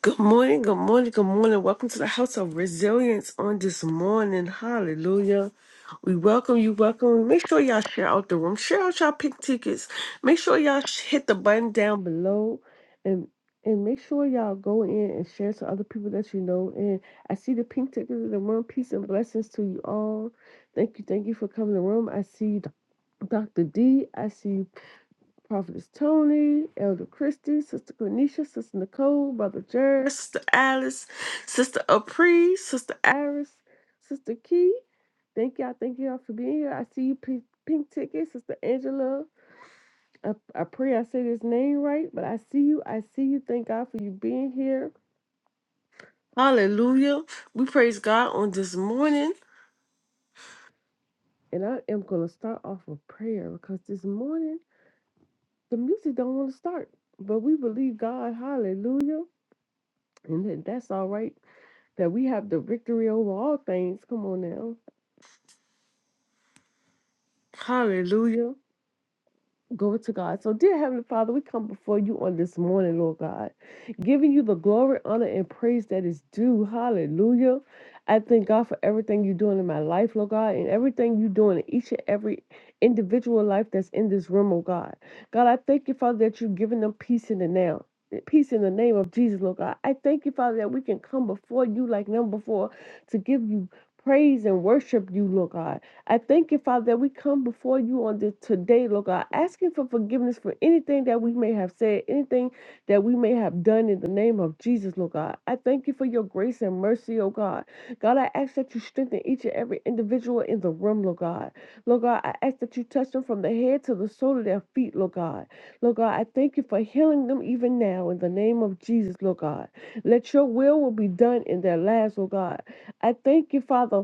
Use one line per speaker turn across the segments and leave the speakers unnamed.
Good morning, good morning, good morning. Welcome to the House of Resilience on this morning. Hallelujah. We welcome you, welcome. Make sure y'all share out the room. Share out y'all pink tickets. Make sure y'all sh- hit the button down below and and make sure y'all go in and share to other people that you know. And I see the pink tickets in the room. Peace and blessings to you all. Thank you, thank you for coming to the room. I see Dr. D. I see Prophetess Tony, Elder Christy, Sister Quenisha, Sister Nicole, Brother Jared, Sister Alice, Sister Apri, Sister Iris, Sister Key. Thank y'all, thank y'all for being here. I see you, Pink, pink Ticket, Sister Angela. I, I pray I say this name right, but I see you, I see you. Thank God for you being here. Hallelujah. We praise God on this morning. And I am going to start off with prayer because this morning the music don't want to start, but we believe God. Hallelujah And that, that's all right that we have the victory over all things. Come on now. Hallelujah. Glory to God. So, dear Heavenly Father, we come before you on this morning, Lord God, giving you the glory, honor, and praise that is due. Hallelujah. I thank God for everything you're doing in my life, Lord God, and everything you're doing in each and every individual life that's in this room, oh God. God, I thank you, Father, that you're giving them peace in the now. Peace in the name of Jesus, Lord God. I thank you, Father, that we can come before you like never before to give you praise and worship you, Lord God. I thank you, Father, that we come before you on this today, Lord God, asking for forgiveness for anything that we may have said, anything that we may have done in the name of Jesus, Lord God. I thank you for your grace and mercy, oh God. God, I ask that you strengthen each and every individual in the room, Lord God. Lord God, I ask that you touch them from the head to the sole of their feet, Lord God. Lord God, I thank you for healing them even now in the name of Jesus, Lord God. Let your will will be done in their lives, Lord God. I thank you, Father,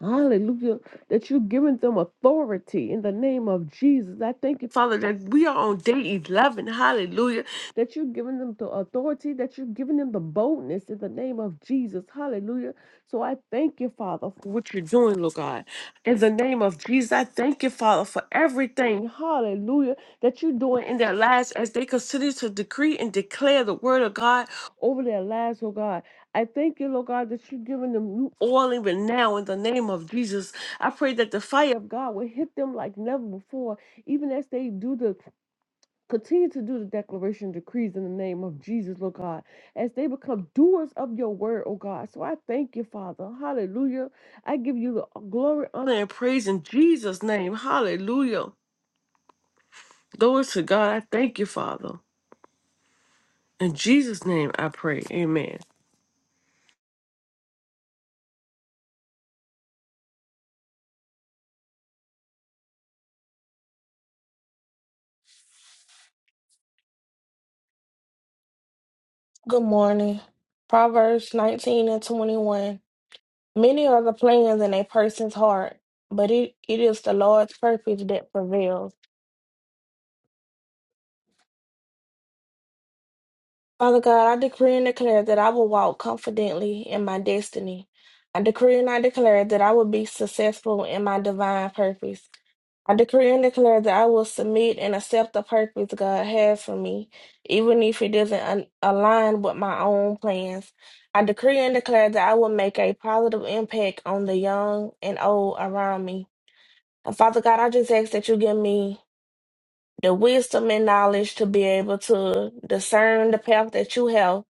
Hallelujah. That you've given them authority in the name of Jesus. I thank you, Father, that we are on day 11. Hallelujah. That you've given them the authority, that you've given them the boldness in the name of Jesus. Hallelujah. So I thank you, Father, for what you're doing, Lord God. In the name of Jesus, I thank you, Father, for everything. Hallelujah. That you're doing in their lives as they continue to decree and declare the word of God over their lives, oh God. I thank you, Lord God, that you're giving them new oil even now in the name of Jesus. I pray that the fire of God will hit them like never before, even as they do the continue to do the declaration decrees in the name of Jesus, Lord God, as they become doers of your word, oh God. So I thank you, Father. Hallelujah. I give you the glory, honor, and praise in Jesus' name. Hallelujah. Glory to God. I thank you, Father. In Jesus' name I pray. Amen.
Good morning. Proverbs 19 and 21. Many are the plans in a person's heart, but it, it is the Lord's purpose that prevails. Father God, I decree and declare that I will walk confidently in my destiny. I decree and I declare that I will be successful in my divine purpose. I decree and declare that I will submit and accept the purpose God has for me, even if it doesn't un- align with my own plans. I decree and declare that I will make a positive impact on the young and old around me. And Father God, I just ask that you give me the wisdom and knowledge to be able to discern the path that you have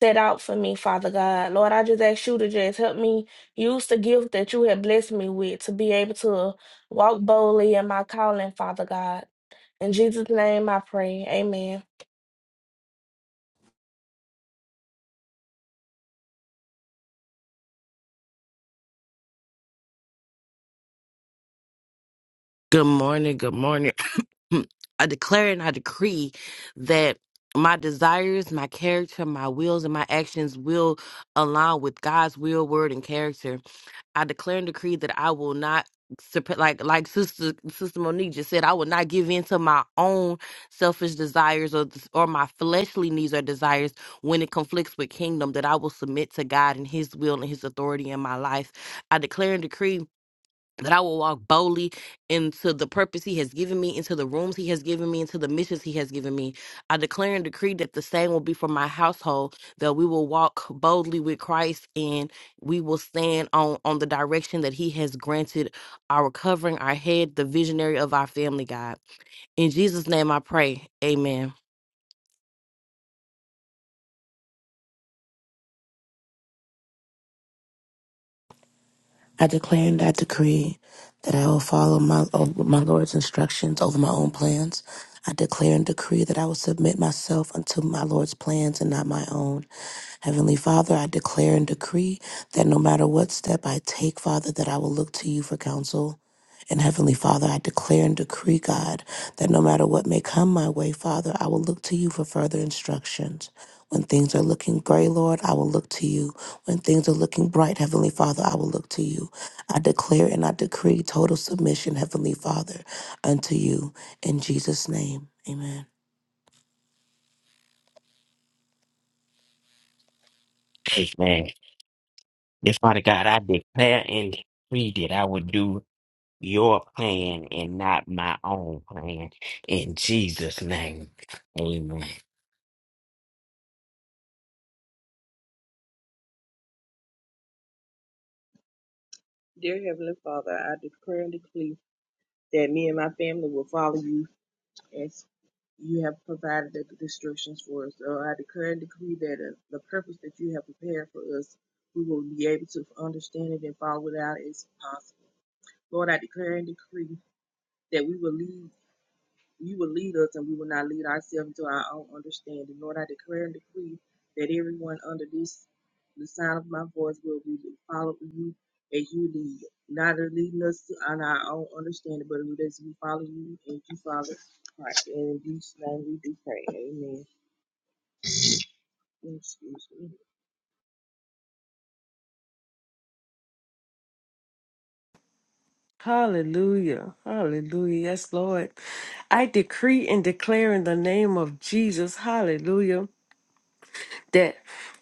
set out for me, Father God. Lord, I just ask you to just help me use the gift that you have blessed me with to be able to walk boldly in my calling, Father God. In Jesus' name I pray. Amen.
Good morning. Good morning. I declare and I decree that my desires, my character, my wills, and my actions will align with God's will, word, and character. I declare and decree that I will not. supp- Like like sister sister Monique just said, I will not give in to my own selfish desires or or my fleshly needs or desires when it conflicts with kingdom. That I will submit to God and His will and His authority in my life. I declare and decree that I will walk boldly into the purpose He has given me, into the rooms He has given me, into the missions He has given me. I declare and decree that the same will be for my household, that we will walk boldly with Christ and we will stand on, on the direction that He has granted our covering, our head, the visionary of our family, God. In Jesus' name I pray. Amen.
I declare and I decree that I will follow my, of my Lord's instructions over my own plans. I declare and decree that I will submit myself unto my Lord's plans and not my own. Heavenly Father, I declare and decree that no matter what step I take, Father, that I will look to you for counsel. And Heavenly Father, I declare and decree, God, that no matter what may come my way, Father, I will look to you for further instructions. When things are looking gray, Lord, I will look to you. When things are looking bright, Heavenly Father, I will look to you. I declare and I decree total submission, Heavenly Father, unto you. In Jesus' name, amen.
Amen. Dear Father God, I declare and decree that I will do your plan and not my own plan. In Jesus' name. Amen.
Dear Heavenly Father, I declare and decree that me and my family will follow you as you have provided the instructions for us. So I declare and decree that uh, the purpose that you have prepared for us, we will be able to understand it and follow it out as possible. Lord, I declare and decree that we will lead. You will lead us, and we will not lead ourselves into our own understanding. Lord, I declare and decree that everyone under this the sound of my voice will be follow you as you lead, not leading us to on our own understanding, but as we follow you and you follow Christ. And in Jesus' name we do pray. Amen. Excuse me.
Hallelujah. Hallelujah. Yes, Lord. I decree and declare in the name of Jesus. Hallelujah that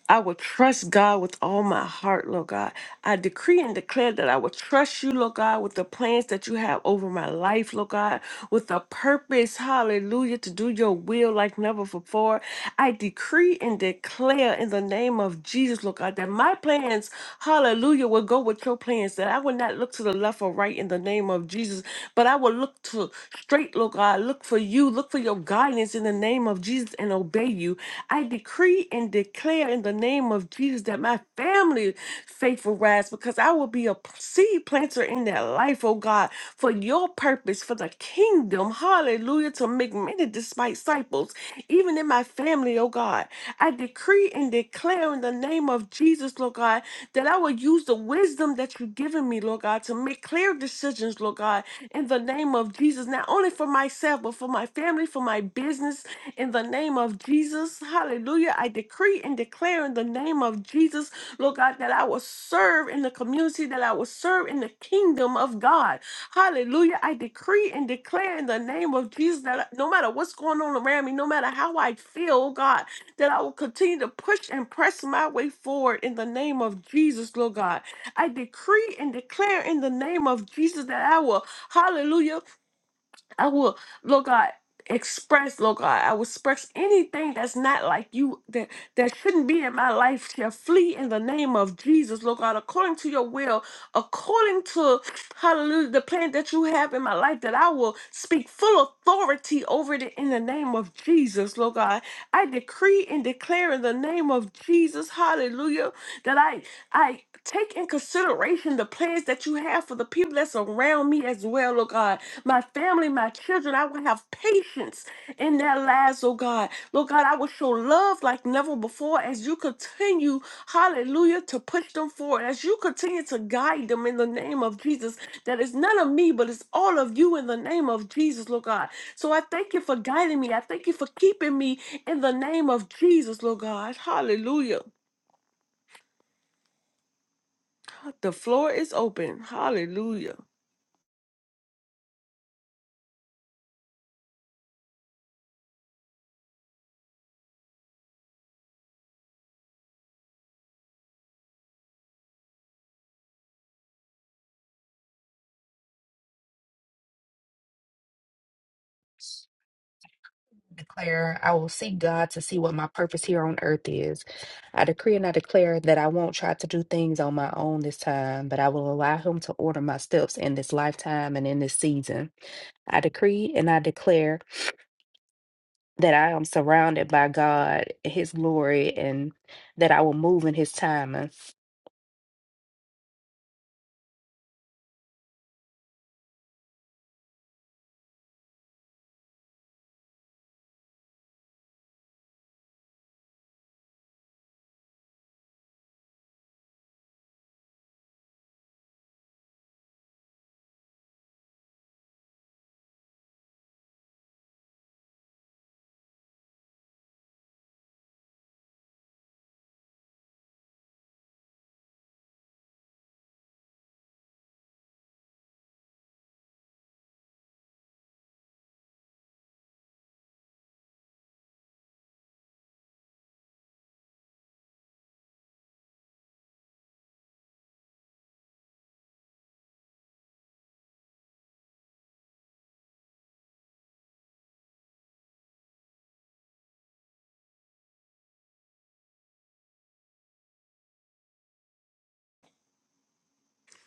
I will trust God with all my heart, Lord God. I decree and declare that I will trust you, Lord God, with the plans that you have over my life, Lord God, with a purpose, hallelujah, to do your will like never before. I decree and declare in the name of Jesus, Lord God, that my plans, hallelujah, will go with your plans, that I will not look to the left or right in the name of Jesus, but I will look to straight, Lord God, look for you, look for your guidance in the name of Jesus and obey you. I decree and declare in the name of Jesus that my family faith will rise because I will be a p- seed planter in that life, oh God, for your purpose, for the kingdom. Hallelujah. To make many disciples, even in my family, oh God. I decree and declare in the name of Jesus, Lord God, that I will use the wisdom that you've given me, Lord God, to make clear decisions, Lord God, in the name of Jesus, not only for myself, but for my family, for my business, in the name of Jesus. Hallelujah. I decree and declare in the name of Jesus, Lord God, that I will serve in the community, that I will serve in the kingdom of God. Hallelujah. I decree and declare in the name of Jesus that I- no matter what's going on around me, no matter how I feel, God, that I will continue to push and press my way forward in the name of Jesus, Lord God. I decree and declare in the name of Jesus that I will, hallelujah, I will, Lord God, express, Lord God, I will express anything that's not like you, that, that shouldn't be in my life, shall flee in the name of Jesus, Lord God, according to your will, according to, hallelujah, the plan that you have in my life, that I will speak full authority over it in the name of Jesus, Lord God. I decree and declare in the name of Jesus, hallelujah, that I I take in consideration the plans that you have for the people that's around me as well, oh God. My family, my children, I will have patience in their lives, oh God. Lord God, I will show love like never before as you continue, hallelujah, to push them forward, as you continue to guide them in the name of Jesus. That is none of me, but it's all of you in the name of Jesus, Lord God. So I thank you for guiding me. I thank you for keeping me in the name of Jesus, Lord God. Hallelujah. The floor is open. Hallelujah.
declare I will seek God to see what my purpose here on earth is. I decree and I declare that I won't try to do things on my own this time, but I will allow Him to order my steps in this lifetime and in this season. I decree and I declare that I am surrounded by God, His glory, and that I will move in His timing.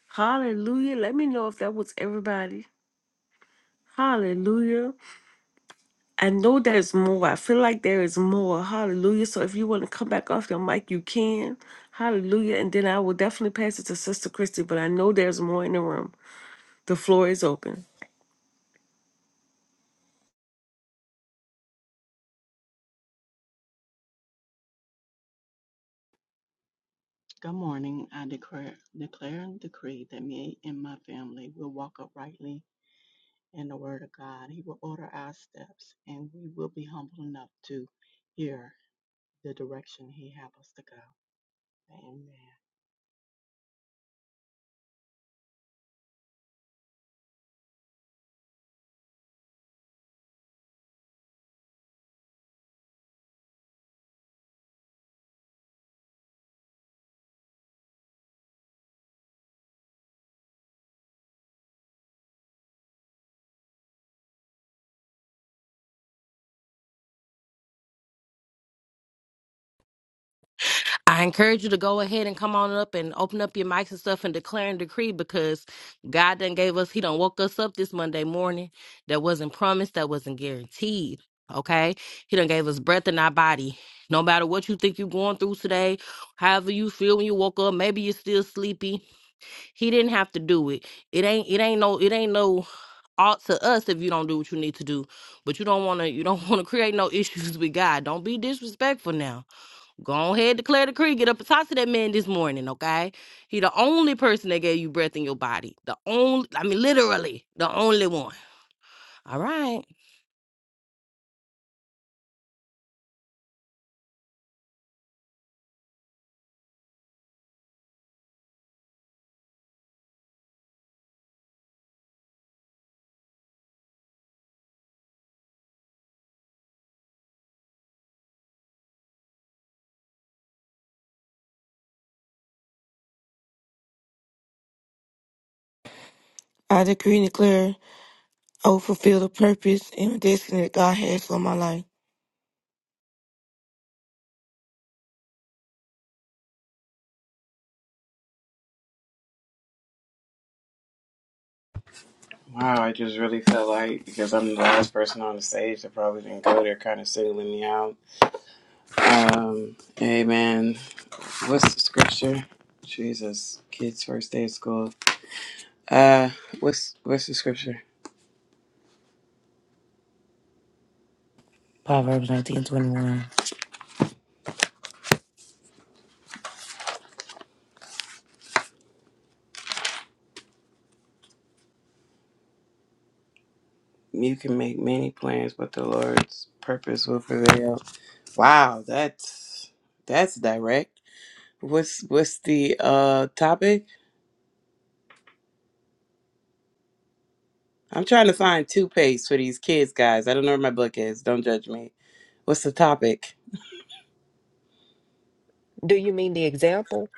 Hallelujah. Let me know if that was everybody. Hallelujah. I know there's more. I feel like there is more. Hallelujah. So if you want to come back off your mic, you can. Hallelujah. And then I will definitely pass it to Sister Christy, but I know there's more in the room. The floor is open.
Good morning. I declare, declare and decree that me and my family will walk uprightly in the Word of God. He will order our steps, and we will be humble enough to hear the direction He has us to go. Amen.
I encourage you to go ahead and come on up and open up your mics and stuff and declare and decree because God done gave us, He done woke us up this Monday morning that wasn't promised, that wasn't guaranteed. Okay? He done gave us breath in our body. No matter what you think you're going through today, however you feel when you woke up, maybe you're still sleepy. He didn't have to do it. It ain't it ain't no it ain't no ought to us if you don't do what you need to do. But you don't wanna you don't wanna create no issues with God. Don't be disrespectful now. Go ahead, declare the creed. Get up and talk to that man this morning, okay? He the only person that gave you breath in your body. The only, I mean, literally, the only one. All right.
I decree and declare I will fulfill the purpose and destiny that God has for my life.
Wow, I just really felt like because I'm the last person on the stage that probably didn't go, they're kind of singling me out. Um, hey man, what's the scripture? Jesus, kids' first day of school. Uh, what's what's the scripture?
Proverbs 19:21.
You can make many plans, but the Lord's purpose will prevail. Wow, that's that's direct. What's what's the uh topic? I'm trying to find toothpaste for these kids, guys. I don't know where my book is. Don't judge me. What's the topic?
Do you mean the example?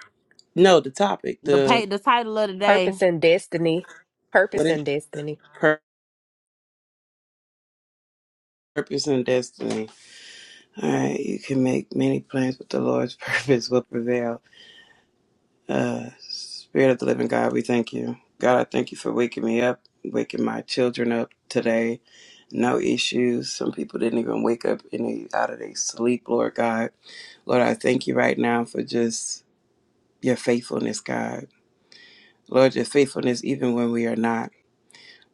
No, the topic.
The
The
pay, the title of the day.
Purpose and destiny.
What
Purpose
is
and destiny.
pur- purpose and destiny? All right, you can make many plans, but the Lord's purpose will prevail. Uh, Spirit of the living God, we thank you. God, I thank you for waking me up, waking my children up today. No issues. Some people didn't even wake up in the, out of their sleep, Lord God. Lord, I thank you right now for just your faithfulness, God. Lord, your faithfulness, even when we are not.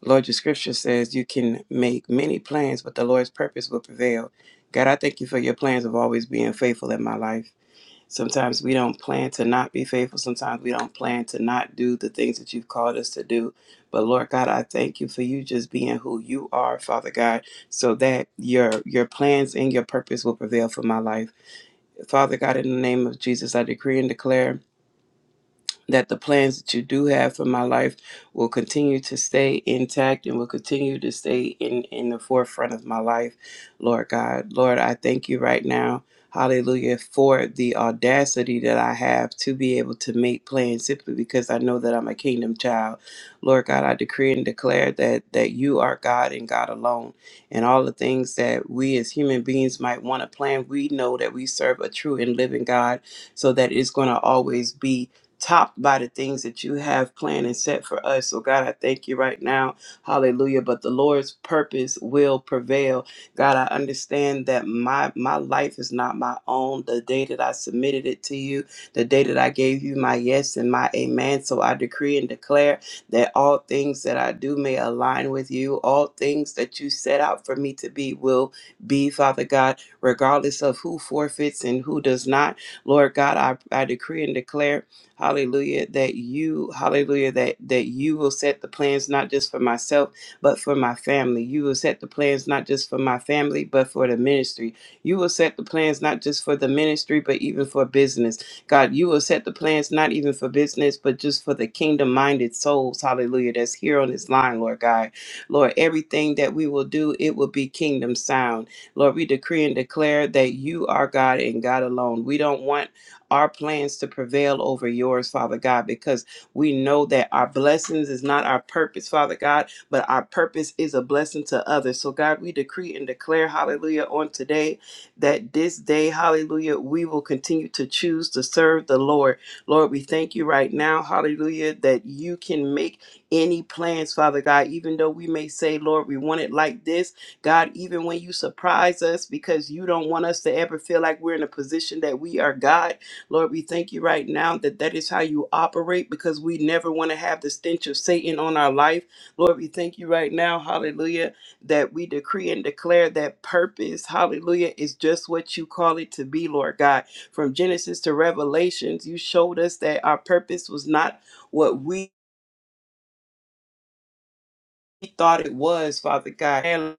Lord, your scripture says you can make many plans, but the Lord's purpose will prevail. God, I thank you for your plans of always being faithful in my life. Sometimes we don't plan to not be faithful. Sometimes we don't plan to not do the things that you've called us to do. But Lord God, I thank you for you just being who you are, Father God, so that your your plans and your purpose will prevail for my life. Father God, in the name of Jesus, I decree and declare that the plans that you do have for my life will continue to stay intact and will continue to stay in, in the forefront of my life, Lord God. Lord, I thank you right now. Hallelujah for the audacity that I have to be able to make plans simply because I know that I'm a kingdom child. Lord God, I decree and declare that that you are God and God alone. And all the things that we as human beings might want to plan, we know that we serve a true and living God so that it's going to always be topped by the things that you have planned and set for us. So, God, I thank you right now. Hallelujah. But the Lord's purpose will prevail. God, I understand that my, my life is not my own. The day that I submitted it to you, the day that I gave you my yes and my amen. So, I decree and declare that all things that I do may align with you. All things that you set out for me to be will be, Father God, regardless of who forfeits and who does not. Lord God, I, I decree and declare Hallelujah. That you, hallelujah, that, that you will set the plans not just for myself, but for my family. You will set the plans not just for my family, but for the ministry. You will set the plans not just for the ministry, but even for business. God, you will set the plans not even for business, but just for the kingdom minded souls. Hallelujah. That's here on this line, Lord God. Lord, everything that we will do, it will be kingdom sound. Lord, we decree and declare that you are God and God alone. We don't want our plans to prevail over yours, Father God, because we know that our blessings is not our purpose, Father God, but our purpose is a blessing to others. So, God, we decree and declare, hallelujah, on today that this day, hallelujah, we will continue to choose to serve the Lord. Lord, we thank you right now, hallelujah, that you can make any plans, Father God, even though we may say, Lord, we want it like this. God, even when you surprise us because you don't want us to ever feel like we're in a position that we are God, Lord, we thank you right now that that is how you operate because we never want to have the stench of Satan on our life. Lord, we thank you right now, hallelujah, that we decree and declare that purpose, hallelujah, is just what you call it to be, Lord God. From Genesis to Revelations, you showed us that our purpose was not what we thought it was, Father God.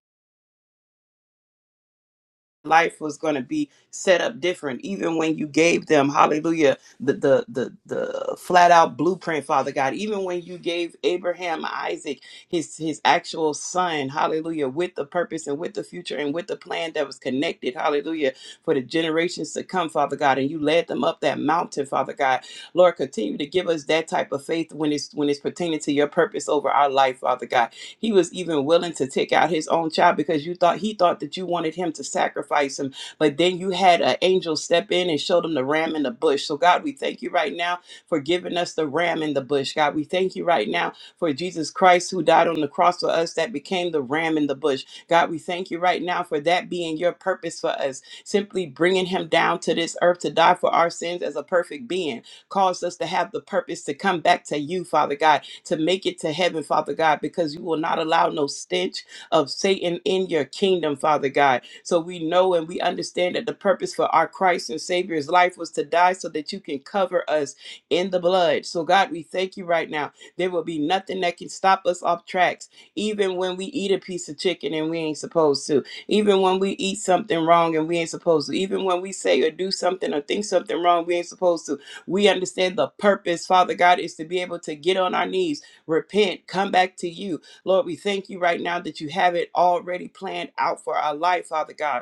life was going to be set up different even when you gave them hallelujah the, the the the flat out blueprint father god even when you gave abraham isaac his his actual son hallelujah with the purpose and with the future and with the plan that was connected hallelujah for the generations to come father god and you led them up that mountain father god lord continue to give us that type of faith when it's when it's pertaining to your purpose over our life father god he was even willing to take out his own child because you thought he thought that you wanted him to sacrifice him. But then you had an angel step in and showed him the ram in the bush. So God, we thank you right now for giving us the ram in the bush. God, we thank you right now for Jesus Christ who died on the cross for us that became the ram in the bush. God, we thank you right now for that being your purpose for us. Simply bringing him down to this earth to die for our sins as a perfect being caused us to have the purpose to come back to you, Father God to make it to heaven, Father God, because you will not allow no stench of Satan in your kingdom, Father God. So we know and we understand that the purpose for our Christ and Savior's life was to die so that you can cover us in the blood. So, God, we thank you right now. There will be nothing that can stop us off tracks, even when we eat a piece of chicken and we ain't supposed to, even when we eat something wrong and we ain't supposed to, even when we say or do something or think something wrong, we ain't supposed to we understand the purpose, Father God, is to be able to get on our knees, repent, come back to you. Lord, we thank you right now that you have it already planned out for our life, Father God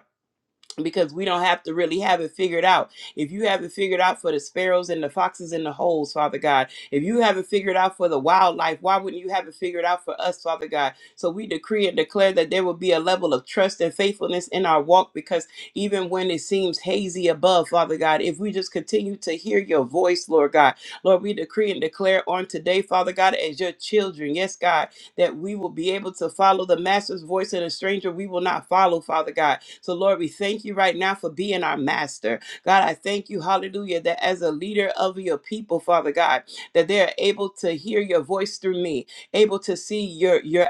because we don't have to really have it figured out. If you have it figured out for the sparrows and the foxes and the holes, Father God, if you have it figured out for the wildlife, why wouldn't you have it figured out for us, Father God? So we decree and declare that there will be a level of trust and faithfulness in our walk because even when it seems hazy above, Father God, if we just continue to hear your voice, Lord God, Lord, we decree and declare on today, Father God, as your children, yes, God that we will be able to follow the master's voice and a stranger we will not follow, Father God. So, Lord, we thank you right now for being our master. God, I thank you, hallelujah, that as a leader of your people, Father God, that they are able to hear your voice through me, able to see your your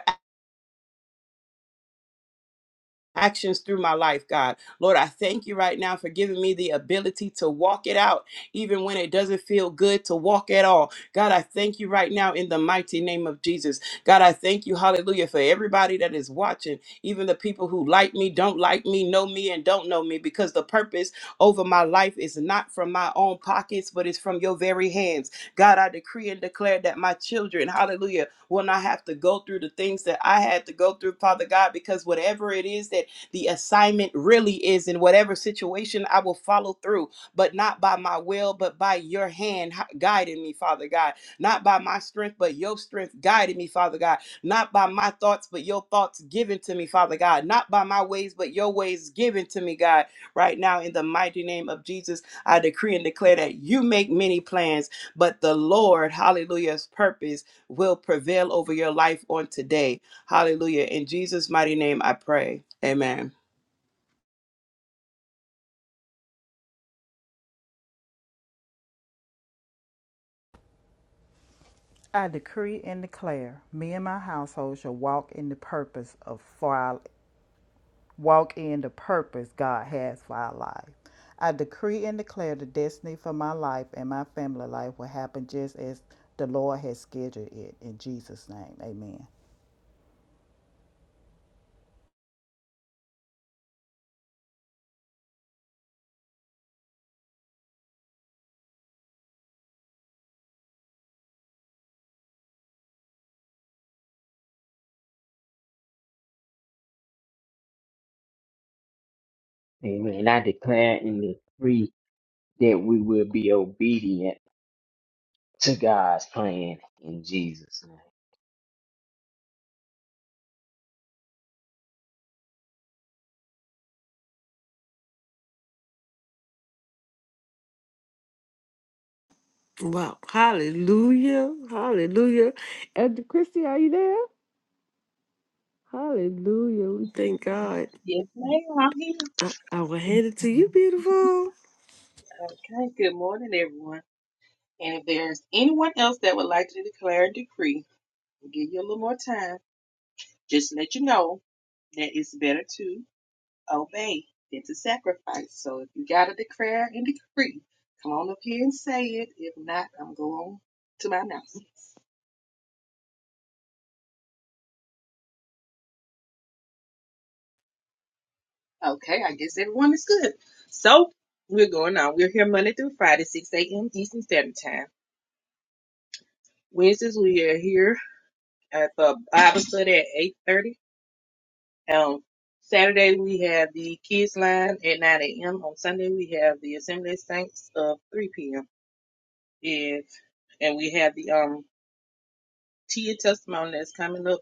actions through my life, God. Lord, I thank you right now for giving me the ability to walk it out, even when it doesn't feel good to walk at all. God, I thank you right now in the mighty name of Jesus. God, I thank you, hallelujah, for everybody that is watching, even the people who like me, don't like me, know me, and don't know me, because the purpose over my life is not from my own pockets, but it's from your very hands. God, I decree and declare that my children, hallelujah, will not have to go through the things that I had to go through, Father God, because whatever it is that the assignment really is in whatever situation I will follow through, but not by my will, but by your hand hu- guiding me, Father God. Not by my strength, but your strength guiding me, Father God. Not by my thoughts, but your thoughts given to me, Father God. Not by my ways, but your ways given to me, God. Right now, in the mighty name of Jesus, I decree and declare that you make many plans, but the Lord, hallelujah's purpose will prevail over your life on today Hallelujah. In Jesus' mighty name, I pray. Amen.
I decree and declare, me and my household shall walk in the purpose of for our, walk in the purpose God has for our life. I decree and declare the destiny for my life and my family life will happen just as the Lord has scheduled it. In Jesus' name, Amen.
Amen. I declare and decree that we will be obedient to God's plan in Jesus' name.
Wow. Hallelujah. Hallelujah. Elder Christy, are you there? Hallelujah. We thank God.
Yes, ma'am. I'm here.
I, I will hand it to you, beautiful.
Okay. Good morning, everyone. And if there's anyone else that would like to declare a decree, we'll give you a little more time. Just let you know that it's better to. obey. It's a sacrifice. So if you gotta declare and decree, come on up here and say it. If not, I'm going to my announcements. Okay, I guess everyone is good. So we're going on. We're here Monday through Friday, 6 a.m. Eastern Standard Time. Wednesdays we are here at the Bible study at 8:30. Um, Saturday we have the kids line at 9 a.m. On Sunday we have the Assembly of Saints of 3 p.m. If and we have the um Tia testimony that's coming up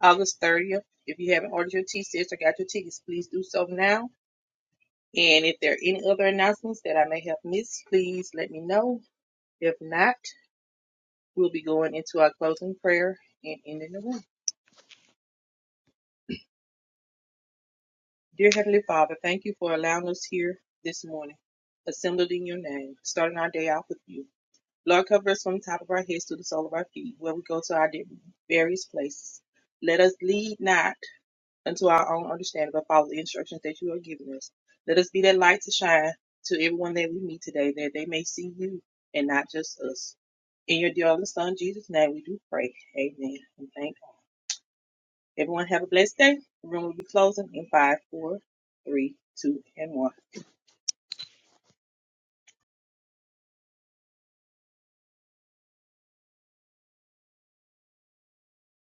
August 30th. If you haven't ordered your T-shirts or got your tickets, please do so now. And if there are any other announcements that I may have missed, please let me know. If not, we'll be going into our closing prayer and ending the room. Dear Heavenly Father, thank you for allowing us here this morning, assembled in your name, starting our day off with you. Lord, cover us from the top of our heads to the sole of our feet, where we go to our various places. Let us lead not unto our own understanding, but follow the instructions that you are giving us. Let us be that light to shine to everyone that we meet today, that they may see you and not just us. In your dear only Son, Jesus' name, we do pray. Amen. And thank God. Everyone have a blessed day. The room will be closing in five, four, three, two, and one.